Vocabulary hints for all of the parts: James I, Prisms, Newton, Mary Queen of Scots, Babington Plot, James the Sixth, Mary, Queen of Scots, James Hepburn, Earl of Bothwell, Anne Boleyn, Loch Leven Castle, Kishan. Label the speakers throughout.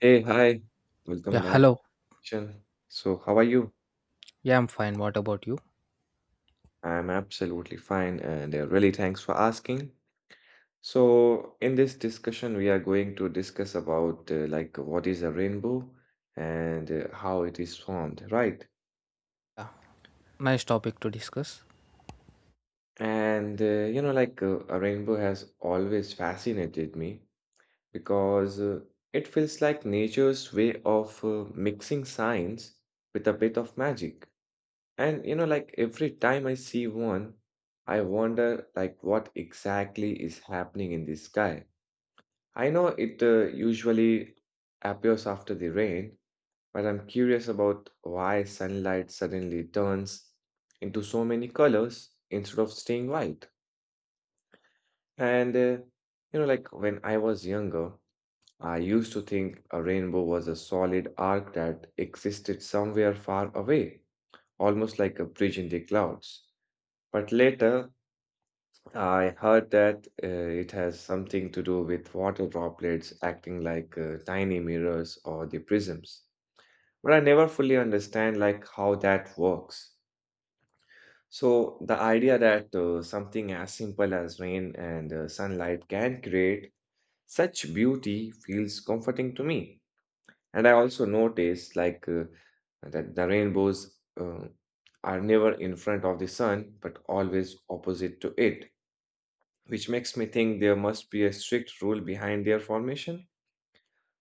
Speaker 1: Hey, hi. Welcome
Speaker 2: Yeah,
Speaker 1: back,
Speaker 2: hello.
Speaker 1: Kishan. So, how are you?
Speaker 2: Yeah, I'm fine. What about you?
Speaker 1: I'm absolutely fine, and really thanks for asking. So, in this discussion, we are going to discuss about like what is a rainbow and how it is formed, right?
Speaker 2: Nice topic to discuss.
Speaker 1: And you know, like A rainbow has always fascinated me because it feels like nature's way of mixing science with a bit of magic. And you know, like every time I see one, I wonder like what exactly is happening in the sky. I know it usually appears after the rain, but I'm curious about why sunlight suddenly turns into so many colors instead of staying white. And You know, like when I was younger, I used to think a rainbow was a solid arc that existed somewhere far away, almost like a bridge in the clouds. But later, I heard that it has something to do with water droplets acting like tiny mirrors or the prisms. But I never fully understand like how that works. So the idea that something as simple as rain and sunlight can create such beauty feels comforting to me. And I also notice like that the rainbows are never in front of the sun but always opposite to it, which makes me think there must be a strict rule behind their formation.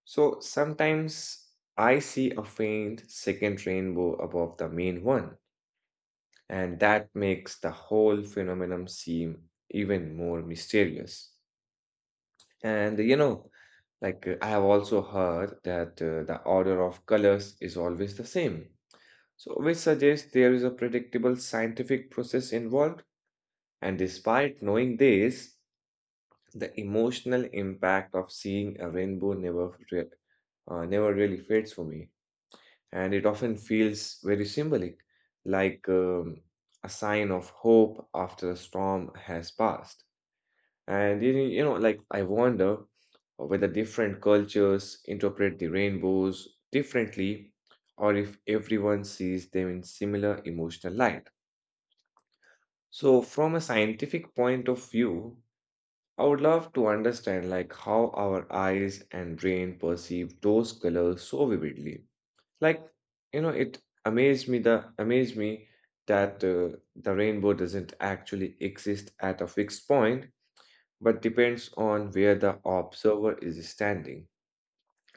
Speaker 1: So sometimes I see a faint second rainbow above the main one, and that makes the whole phenomenon seem even more mysterious. And you know, like I have also heard that the order of colors is always the same, So, which suggests there is a predictable scientific process involved. And despite knowing this, the emotional impact of seeing a rainbow never really fades for me, and it often feels very symbolic, like a sign of hope after a storm has passed. And I wonder whether different cultures interpret the rainbows differently or if everyone sees them in similar emotional light. So from a scientific point of view, I would love to understand like how our eyes and brain perceive those colors so vividly. Like, you know, it amazed me that the rainbow doesn't actually exist at a fixed point, but depends on where the observer is standing.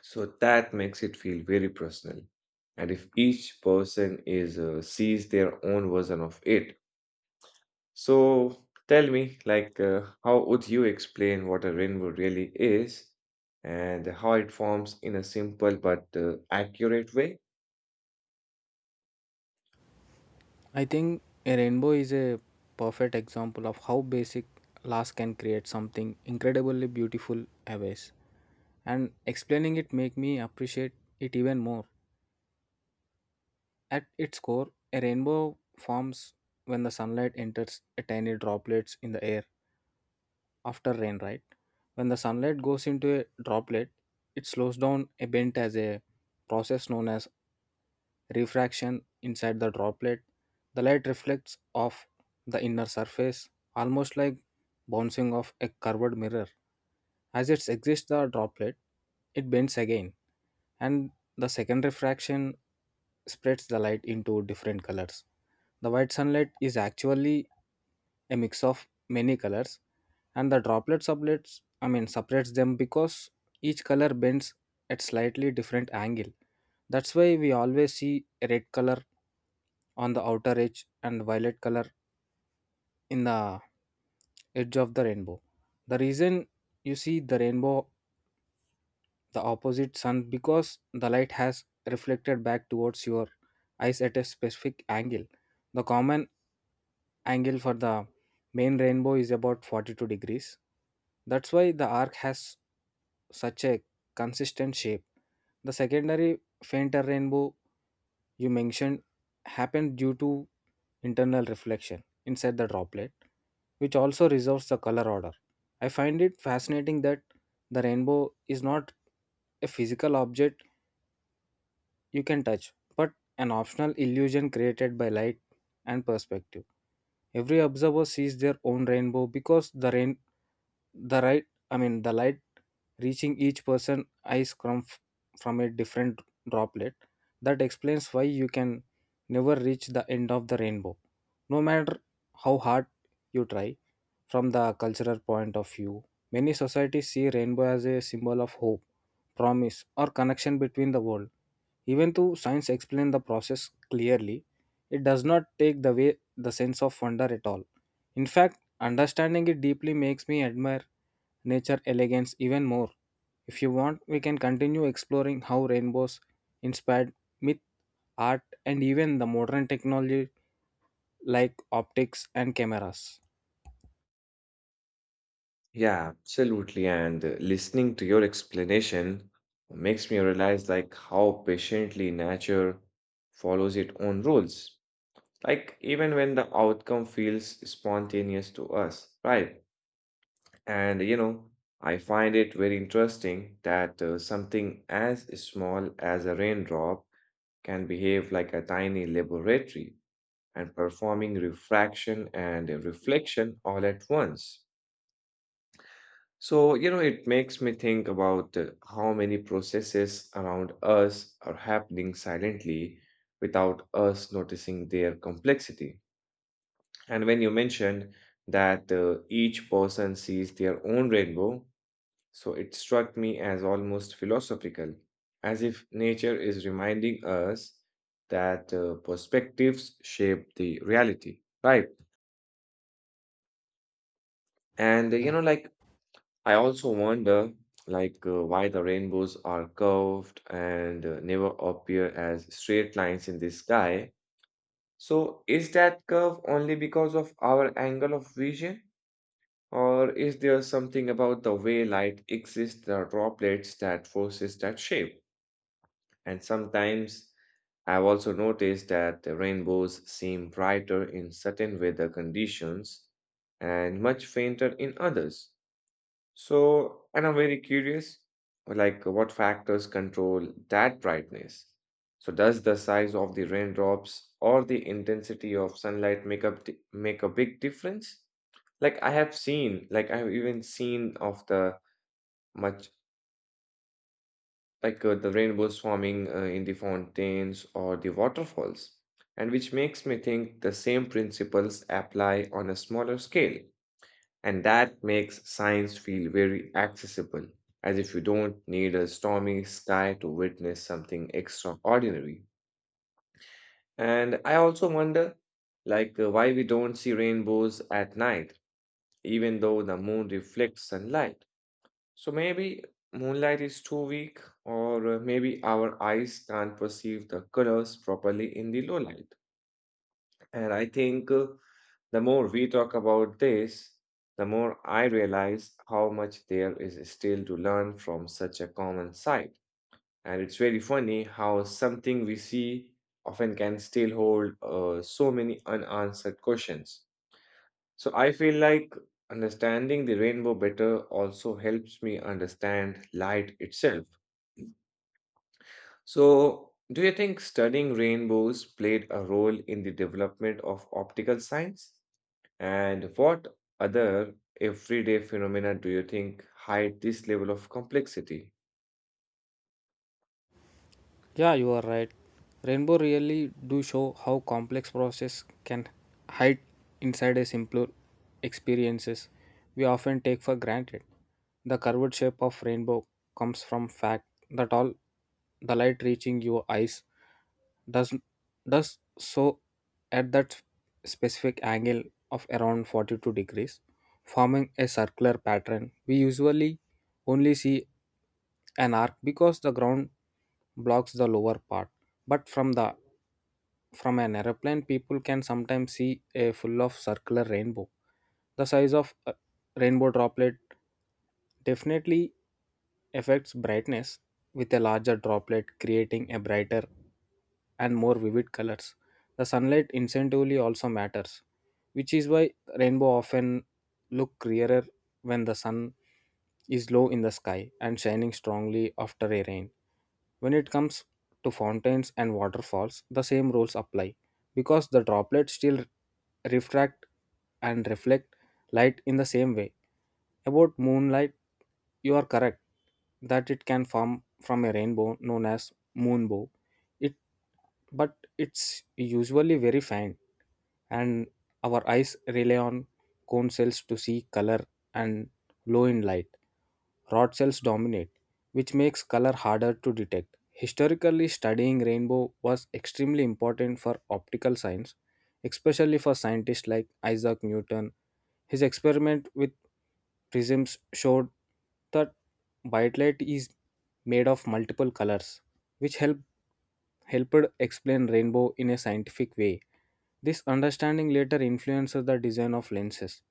Speaker 1: So that makes it feel very personal. And if each person is sees their own version of it, so tell me, like, how would you explain what a rainbow really is and how it forms in a simple but accurate way?
Speaker 2: I think a rainbow is a perfect example of how basic loss can create something incredibly beautiful always. And explaining it make me appreciate it even more. At its core, a rainbow forms when the sunlight enters a tiny droplets in the air after rain, right? When the sunlight goes into a droplet, it slows down a bent as a process known as refraction inside the droplet. The light reflects off the inner surface, almost like bouncing off a curved mirror. As it exits the droplet, it bends again, and the second refraction spreads the light into different colors. The white sunlight is actually a mix of many colors, and the droplet sublets I mean separates them because each color bends at slightly different angle. That's why we always see a red color on the outer edge and violet color in the edge of the rainbow. The reason you see the rainbow the opposite sun because the light has reflected back towards your eyes at a specific angle. The common angle for the main rainbow is about 42 degrees. That's why the arc has such a consistent shape. The secondary fainter rainbow you mentioned happened due to internal reflection inside the droplet, which also resolves the color order. I find it fascinating that the rainbow is not a physical object you can touch, but an optional illusion created by light and perspective. Every observer sees their own rainbow because the rain, the right, I mean the light reaching each person eyes from a different droplet. That explains why you can never reach the end of the rainbow, no matter how hard you try. From the cultural point of view, many societies see rainbow as a symbol of hope, promise, or connection between the world, even though science explains the process clearly, it does not take away the sense of wonder at all. In fact, understanding it deeply makes me admire nature elegance even more. If you want, we can continue exploring how rainbows inspired myth, art, and even the modern technology like optics and cameras.
Speaker 1: Yeah, absolutely. And listening to your explanation makes me realize like how patiently nature follows its own rules. Like even when the outcome feels spontaneous to us, right? And you know, I find it very interesting that something as small as a raindrop can behave like a tiny laboratory and performing refraction and reflection all at once. So, you know, it makes me think about how many processes around us are happening silently without us noticing their complexity. And when you mentioned that each person sees their own rainbow, so it struck me as almost philosophical, as if nature is reminding us that perspectives shape the reality, right? And uh, you
Speaker 2: Yeah.
Speaker 1: know, like I also wonder, like why the rainbows are curved and never appear as straight lines in the sky. So is that curve only because of our angle of vision? Or is there something about the way light exists, the droplets that forces that shape? And sometimes I've also noticed that the rainbows seem brighter in certain weather conditions and much fainter in others. So, and I'm very curious, like what factors control that brightness? So, does the size of the raindrops or the intensity of sunlight make a big difference? Like I've even seen of the much like the rainbows swarming in the fountains or the waterfalls, and which makes me think the same principles apply on a smaller scale. And that makes science feel very accessible, as if you don't need a stormy sky to witness something extraordinary. And I also wonder, like, why we don't see rainbows at night, even though the moon reflects sunlight. So maybe moonlight is too weak, or maybe our eyes can't perceive the colors properly in the low light. And I think the more we talk about this, the more I realize how much there is still to learn from such a common sight. And it's very funny how something we see often can still hold so many unanswered questions. So I feel like understanding the rainbow better also helps me understand light itself. So, do you think studying rainbows played a role in the development of optical science? And what other everyday phenomena do you think hide this level of complexity?
Speaker 2: Yeah, you are right. Rainbow really do show how complex process can hide inside a simpler experiences we often take for granted. The curved shape of rainbow comes from fact that all the light reaching your eyes does does so at that specific angle of around 42 degrees, forming a circular pattern. We usually only see an arc because the ground blocks the lower part, but from an airplane people can sometimes see a full of circular rainbow. The size of a rainbow droplet definitely affects brightness, with a larger droplet creating a brighter and more vivid colors. The sunlight incidentally also matters, which is why rainbow often look clearer when the sun is low in the sky and shining strongly after a rain. When it comes to fountains and waterfalls, the same rules apply because the droplets still refract and reflect light in the same way. About moonlight, you are correct that it can form from a rainbow known as moonbow. It But it's usually very faint, and our eyes rely on cone cells to see color, and low in light rod cells dominate, which makes color harder to detect. Historically, studying rainbow was extremely important for optical science, especially for scientists like Isaac Newton. His experiment with prisms showed that white light is made of multiple colors, which helped explain rainbow in a scientific way. This understanding later influences the design of lenses,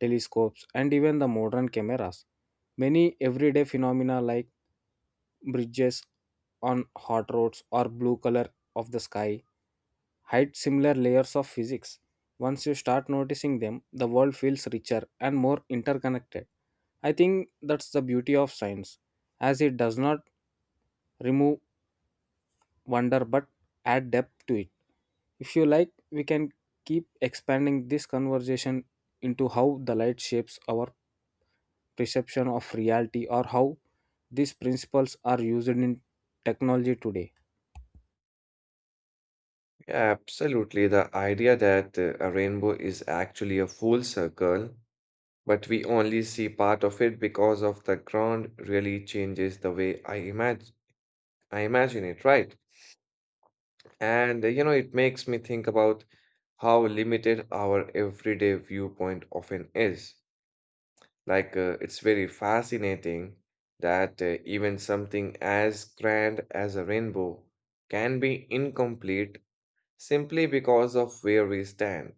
Speaker 2: telescopes, and even the modern cameras. Many everyday phenomena like bridges on hot roads or blue color of the sky hide similar layers of physics. Once you start noticing them, the world feels richer and more interconnected. I think that's the beauty of science, as it does not remove wonder but add depth to it. If you like, we can keep expanding this conversation into how the light shapes our perception of reality or how these principles are used in technology today.
Speaker 1: Yeah, absolutely. The idea that a rainbow is actually a full circle, but we only see part of it because of the ground really changes the way I imagine it, right? And you know, it makes me think about how limited our everyday viewpoint often is. Like, it's very fascinating that even something as grand as a rainbow can be incomplete simply because of where we stand.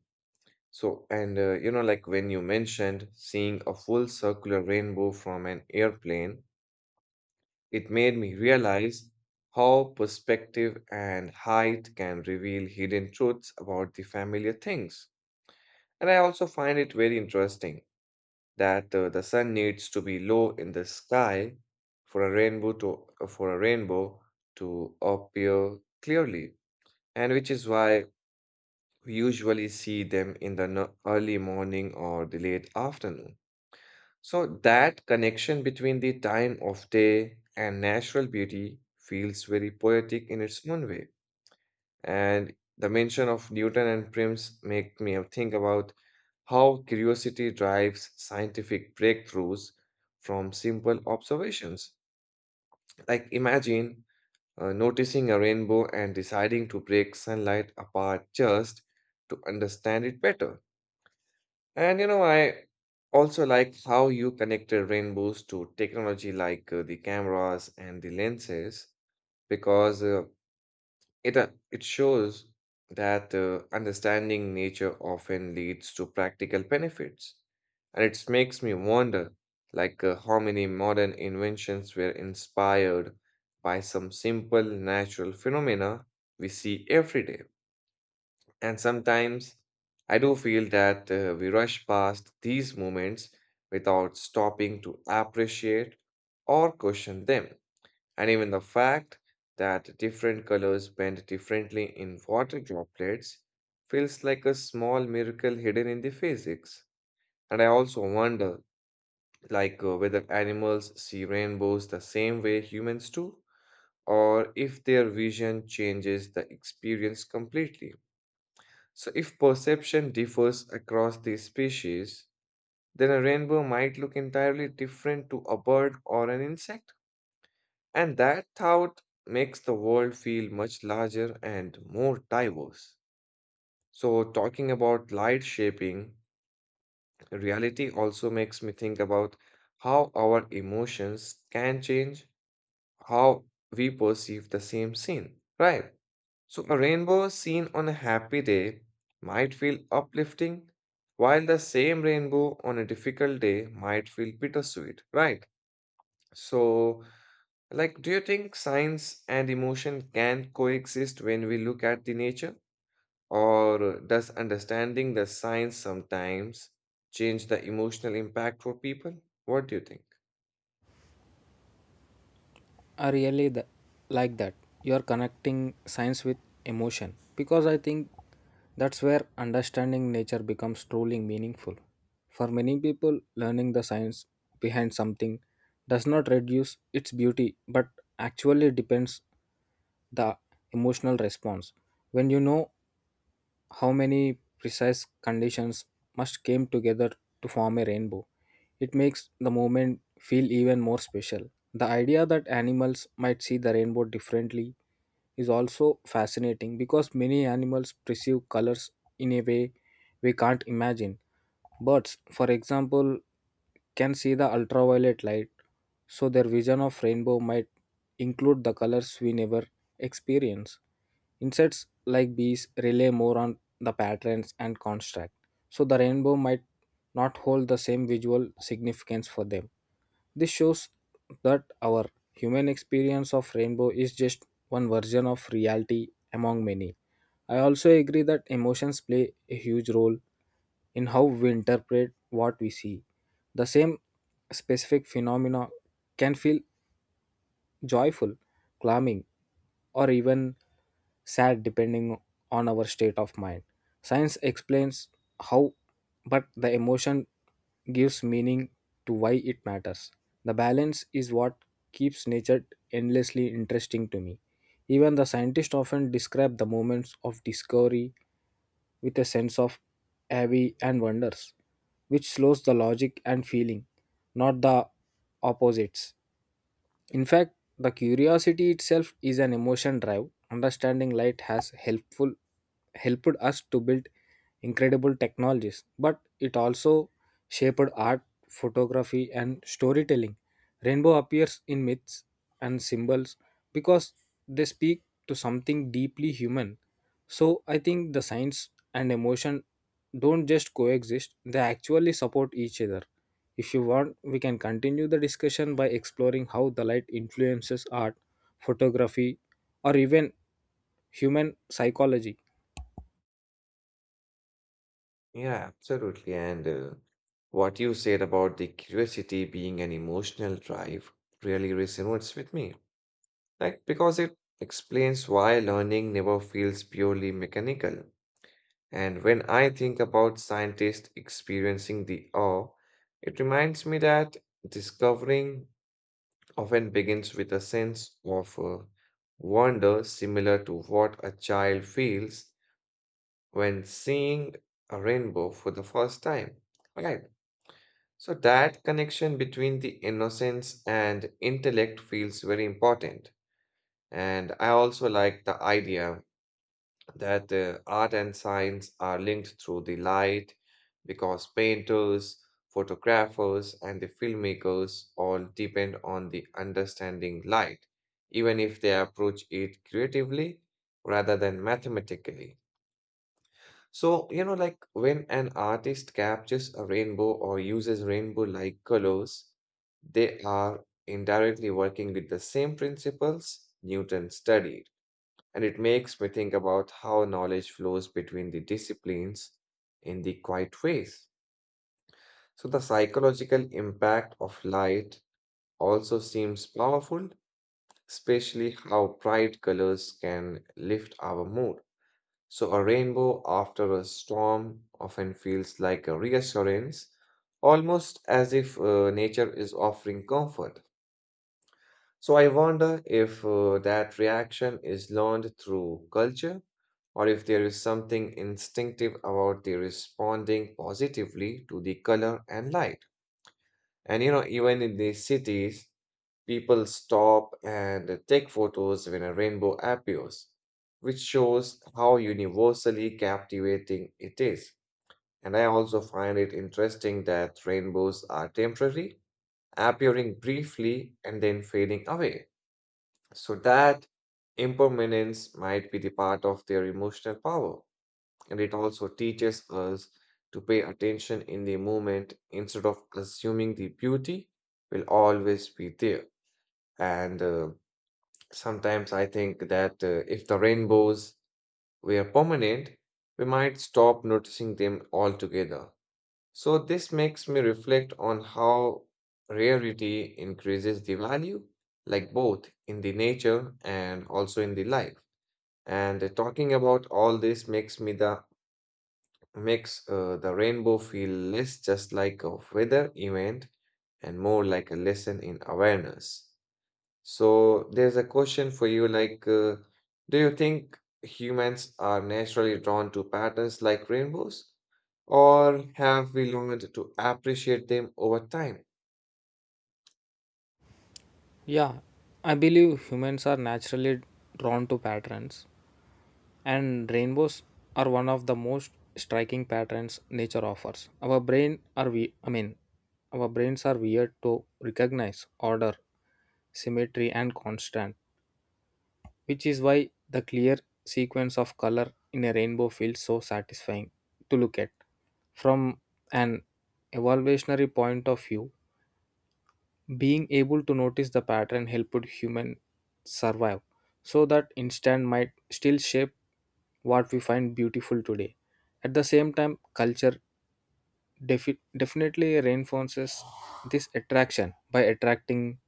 Speaker 1: So, and you know, like when you mentioned seeing a full circular rainbow from an airplane, it made me realize how perspective and height can reveal hidden truths about the familiar things. And I also find it very interesting that the sun needs to be low in the sky for a rainbow to for a rainbow to appear clearly, and which is why we usually see them in the early morning or the late afternoon. So that connection between the time of day and natural beauty feels very poetic in its own way. And the mention of Newton and Prims make me think about how curiosity drives scientific breakthroughs from simple observations. Like imagine noticing a rainbow and deciding to break sunlight apart just to understand it better. And you know, I also like how you connected rainbows to technology like the cameras and the lenses because it shows that understanding nature often leads to practical benefits. And it makes me wonder like how many modern inventions were inspired by some simple natural phenomena we see every day. And sometimes I do feel that we rush past these moments without stopping to appreciate or question them. And even the fact that different colors bend differently in water droplets feels like a small miracle hidden in the physics. And I also wonder, like, whether animals see rainbows the same way humans do, or if their vision changes the experience completely. So, if perception differs across these species, then a rainbow might look entirely different to a bird or an insect. And that thought makes the world feel much larger and more diverse. So, talking about light shaping, reality also makes me think about how our emotions can change how we perceive the same scene, right? So, a rainbow seen on a happy day might feel uplifting, while the same rainbow on a difficult day might feel bittersweet, right? So, like, do you think science and emotion can coexist when we look at the nature? Or does understanding the science sometimes change the emotional impact for people? What do you think?
Speaker 2: Are really the, like that. You are connecting science with emotion because I think that's where understanding nature becomes truly meaningful. For many people, learning the science behind something does not reduce its beauty but actually depends the emotional response. When you know how many precise conditions must come together to form a rainbow. It makes the moment feel even more special. The idea that animals might see the rainbow differently is also fascinating because many animals perceive colors in a way we can't imagine. Birds, for example, can see the ultraviolet light, so their vision of rainbow might include the colors we never experience. Insects like bees rely more on the patterns and construct, so the rainbow might not hold the same visual significance for them. This shows that our human experience of rainbow is just one version of reality among many. I also agree that emotions play a huge role in how we interpret what we see. The same specific phenomena can feel joyful, calming, or even sad depending on our state of mind. Science explains how, but the emotion gives meaning to why it matters. The balance is what keeps nature endlessly interesting to me. Even the scientists often describe the moments of discovery with a sense of awe and wonders, which slows the logic and feeling, not the opposites. In fact, the curiosity itself is an emotion drive. Understanding light has helpful helped us to build incredible technologies, but it also shaped art, photography, and storytelling. Rainbow appears in myths and symbols because they speak to something deeply human. So I think the science and emotion don't just coexist, they actually support each other. If you want, we can continue the discussion by exploring how the light influences art, photography, or even human psychology.
Speaker 1: Yeah, absolutely. And what you said about the curiosity being an emotional drive really resonates with me. Like, because it explains why learning never feels purely mechanical. And when I think about scientists experiencing the awe, it reminds me that discovering often begins with a sense of wonder similar to what a child feels when seeing a rainbow for the first time. Right. So that connection between the innocence and intellect feels very important. And I also like the idea that art and science are linked through the light because painters, photographers, and the filmmakers all depend on the understanding light, even if they approach it creatively rather than mathematically. So, you know, like when an artist captures a rainbow or uses rainbow-like colors, they are indirectly working with the same principles Newton studied. And it makes me think about how knowledge flows between the disciplines in the quiet ways. So the psychological impact of light also seems powerful, especially how bright colors can lift our mood. So a rainbow after a storm often feels like a reassurance, almost as if nature is offering comfort. So I wonder if that reaction is learned through culture or if there is something instinctive about the responding positively to the color and light. And you know, even in the cities, people stop and take photos when a rainbow appears, which shows how universally captivating it is. And I also find it interesting that rainbows are temporary, appearing briefly and then fading away. So that impermanence might be the part of their emotional power. And it also teaches us to pay attention in the moment instead of assuming the beauty will always be there. And Sometimes I think that if the rainbows were permanent, we might stop noticing them altogether. So this makes me reflect on how rarity increases the value, like both in the nature and also in the life. And Talking about all this makes the rainbow feel less just like a weather event and more like a lesson in awareness. So there's a question for you like do you think humans are naturally drawn to patterns like rainbows or have we learned to appreciate them over time?
Speaker 2: Yeah, I believe humans are naturally drawn to patterns, and rainbows are one of the most striking patterns nature offers. Our brains are weird to recognize order, symmetry and constant, which is why the clear sequence of color in a rainbow feels so satisfying to look at. From an evolutionary point of view, being able to notice the pattern helped humans survive, so that instant might still shape what we find beautiful today. At the same time, culture definitely reinforces this attraction by attracting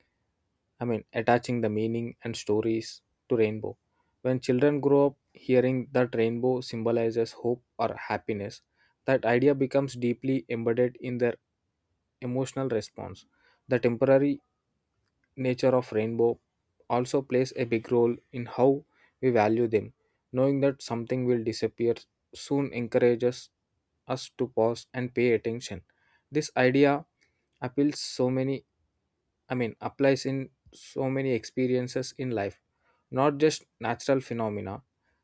Speaker 2: I mean, attaching the meaning and stories to rainbow. When children grow up hearing that rainbow symbolizes hope or happiness, that idea becomes deeply embedded in their emotional response. The temporary nature of rainbow also plays a big role in how we value them. Knowing that something will disappear soon encourages us to pause and pay attention. This idea appeals so many I mean, applies in so many experiences in life, not just natural phenomena.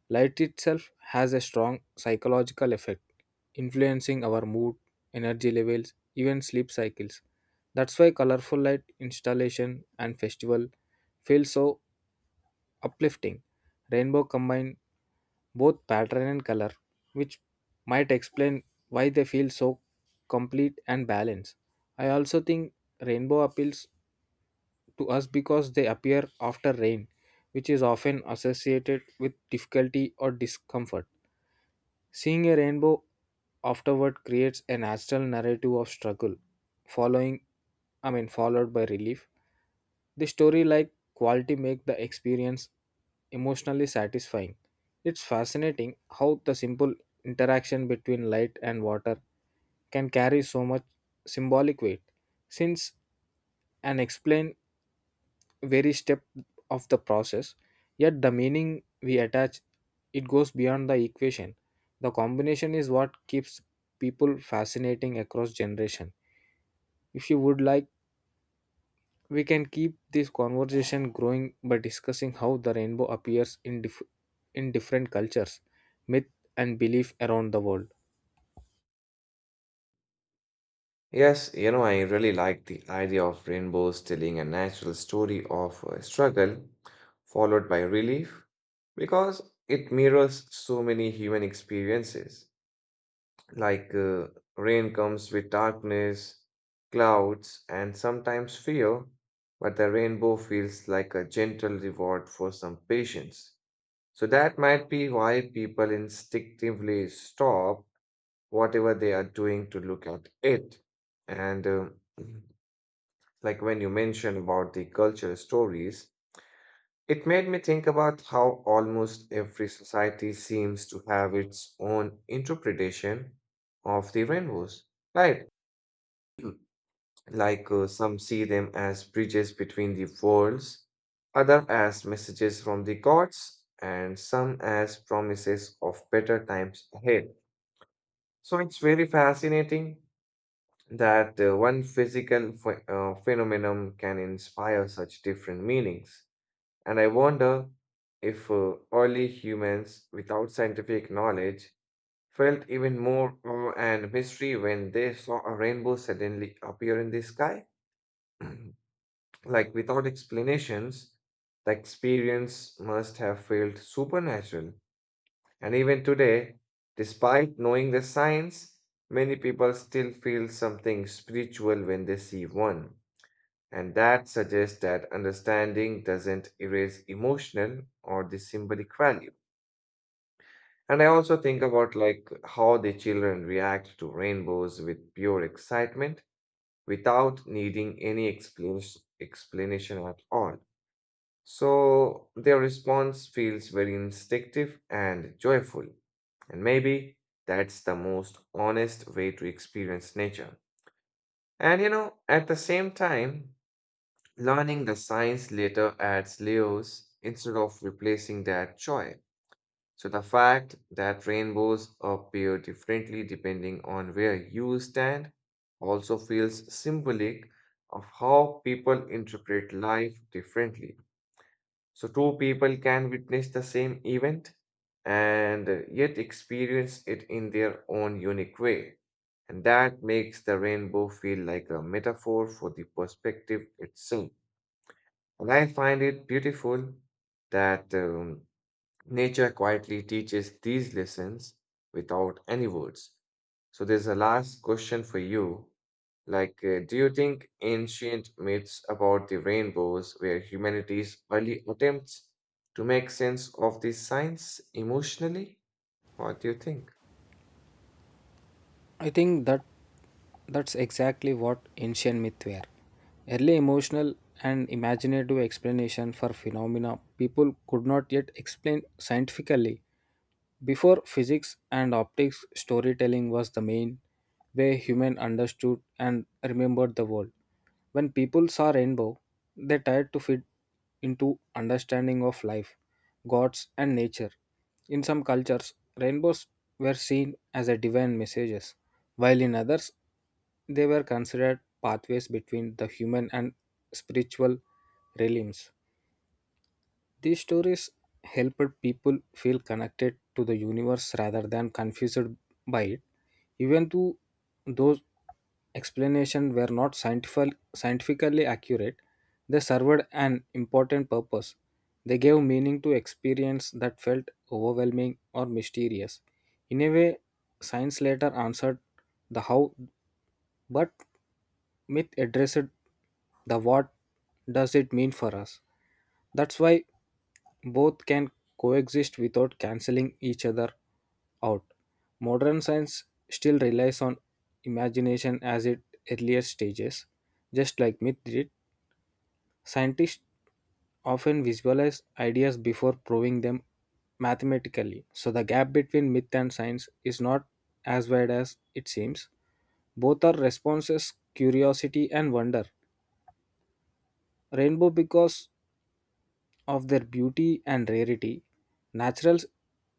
Speaker 2: Light itself has a strong psychological effect, influencing our mood, energy levels, even sleep cycles. That's why colorful light installation and festival feel so uplifting. Rainbow combine both pattern and color, which might explain why they feel so complete and balanced. I also think rainbow appeals to us because they appear after rain, which is often associated with difficulty or discomfort. Seeing a rainbow afterward creates an astral narrative of struggle, following I mean followed by relief. The story like quality make the experience emotionally satisfying. It's fascinating how the simple interaction between light and water can carry so much symbolic weight, since and explain very step of the process, yet the meaning we attach it goes beyond the equation. The combination is what keeps people fascinating across generation. If you would like, we can keep this conversation growing by discussing how the rainbow appears in in different cultures, myth, and belief around the world.
Speaker 1: Yes, you know, I really like the idea of rainbows telling a natural story of struggle followed by relief because it mirrors so many human experiences. Like rain comes with darkness, clouds, and sometimes fear, but the rainbow feels like a gentle reward for some patience. So that might be why people instinctively stop whatever they are doing to look at it. And uh, like when you mentioned about the cultural stories, it made me think about how almost every society seems to have its own interpretation of the rainbows, right? Like some see them as bridges between the worlds, other as messages from the gods, and some as promises of better times ahead. So it's very fascinating that one physical phenomenon can inspire such different meanings. And I wonder if early humans without scientific knowledge felt even more awe and mystery when they saw a rainbow suddenly appear in the sky. Like without explanations, the experience must have felt supernatural. And even today, despite knowing the science, many people still feel something spiritual when they see one. And that suggests that understanding doesn't erase emotional or the symbolic value. And I also think about like how the children react to rainbows with pure excitement without needing any explanation at all. So their response feels very instinctive and joyful. And maybe that's the most honest way to experience nature. And you know, at the same time, learning the science later adds layers instead of replacing that joy. So, the fact that rainbows appear differently depending on where you stand also feels symbolic of how people interpret life differently. So, two people can witness the same event and yet experience it in their own unique way. And that makes the rainbow feel like a metaphor for the perspective itself. And I find it beautiful that nature quietly teaches these lessons without any words. So there's a last question for you. Like, do you think ancient myths about the rainbows were humanity's early attempts to make sense of the science emotionally? What do you think?
Speaker 2: I think that That's exactly what ancient myths were. Early emotional and imaginative explanation for phenomena people could not yet explain scientifically. Before physics and optics, storytelling was the main way human understood and remembered the world. When people saw rainbow, they tried to fit into understanding of life, gods and nature. In some cultures, rainbows were seen as a divine messages, while in others they were considered pathways between the human and spiritual realms. These stories helped people feel connected to the universe rather than confused by it, even though those explanations were not scientifically accurate. They served an important purpose. They gave meaning to experience that felt overwhelming or mysterious. In a way, science later answered the how, but myth addressed the what does it mean for us. That's why both can coexist without cancelling each other out. Modern science still relies on imagination as its earlier stages, just like myth did. Scientists often visualize ideas before proving them mathematically, so the gap between myth and science is not as wide as it seems. Both are responses, curiosity and wonder. Rainbow because of their beauty and rarity, naturals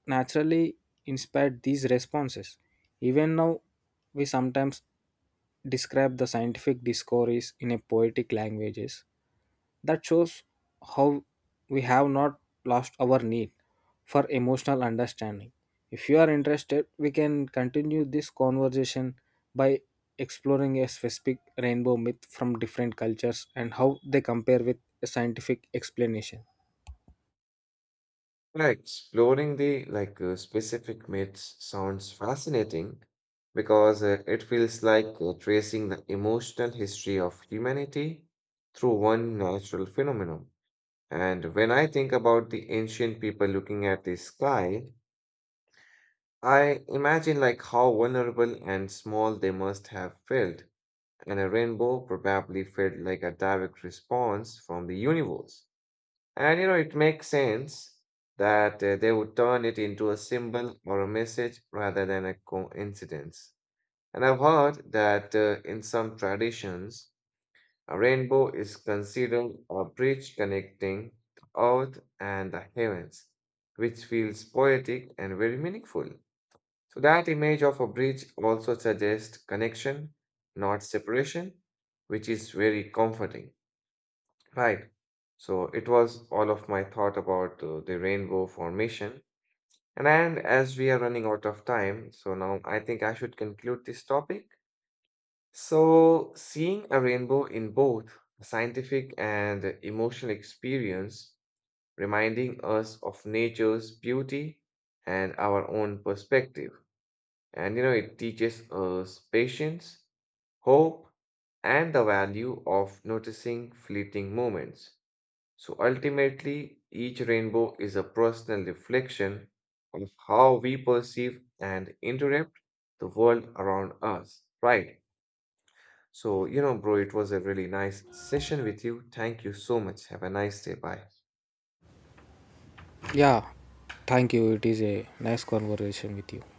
Speaker 2: naturally inspired these responses. Even now, we sometimes describe the scientific discoveries in a poetic languages. That shows how we have not lost our need for emotional understanding. If you are interested, we can continue this conversation by exploring a specific rainbow myth from different cultures and how they compare with a scientific explanation.
Speaker 1: Yeah, exploring the like specific myths sounds fascinating because it feels like tracing the emotional history of humanity through one natural phenomenon. And when I think about the ancient people looking at the sky, I imagine like how vulnerable and small they must have felt, and a rainbow probably felt like a direct response from the universe. And you know, it makes sense that they would turn it into a symbol or a message rather than a coincidence. And I've heard that in some traditions, a rainbow is considered a bridge connecting the earth and the heavens, which feels poetic and very meaningful. So, that image of a bridge also suggests connection, not separation, which is very comforting. Right. So it was all of my thought about the rainbow formation. And, as we are running out of time, so now I think I should conclude this topic. So, seeing a rainbow in both a scientific and emotional experience, reminding us of nature's beauty and our own perspective. And you know, it teaches us patience, hope, and the value of noticing fleeting moments. So ultimately, each rainbow is a personal reflection of how we perceive and interpret the world around us, right? So, you know, bro, it was a really nice session with you. Thank you so much. Have a nice day. Bye.
Speaker 2: Yeah, thank you. It is a nice conversation with you.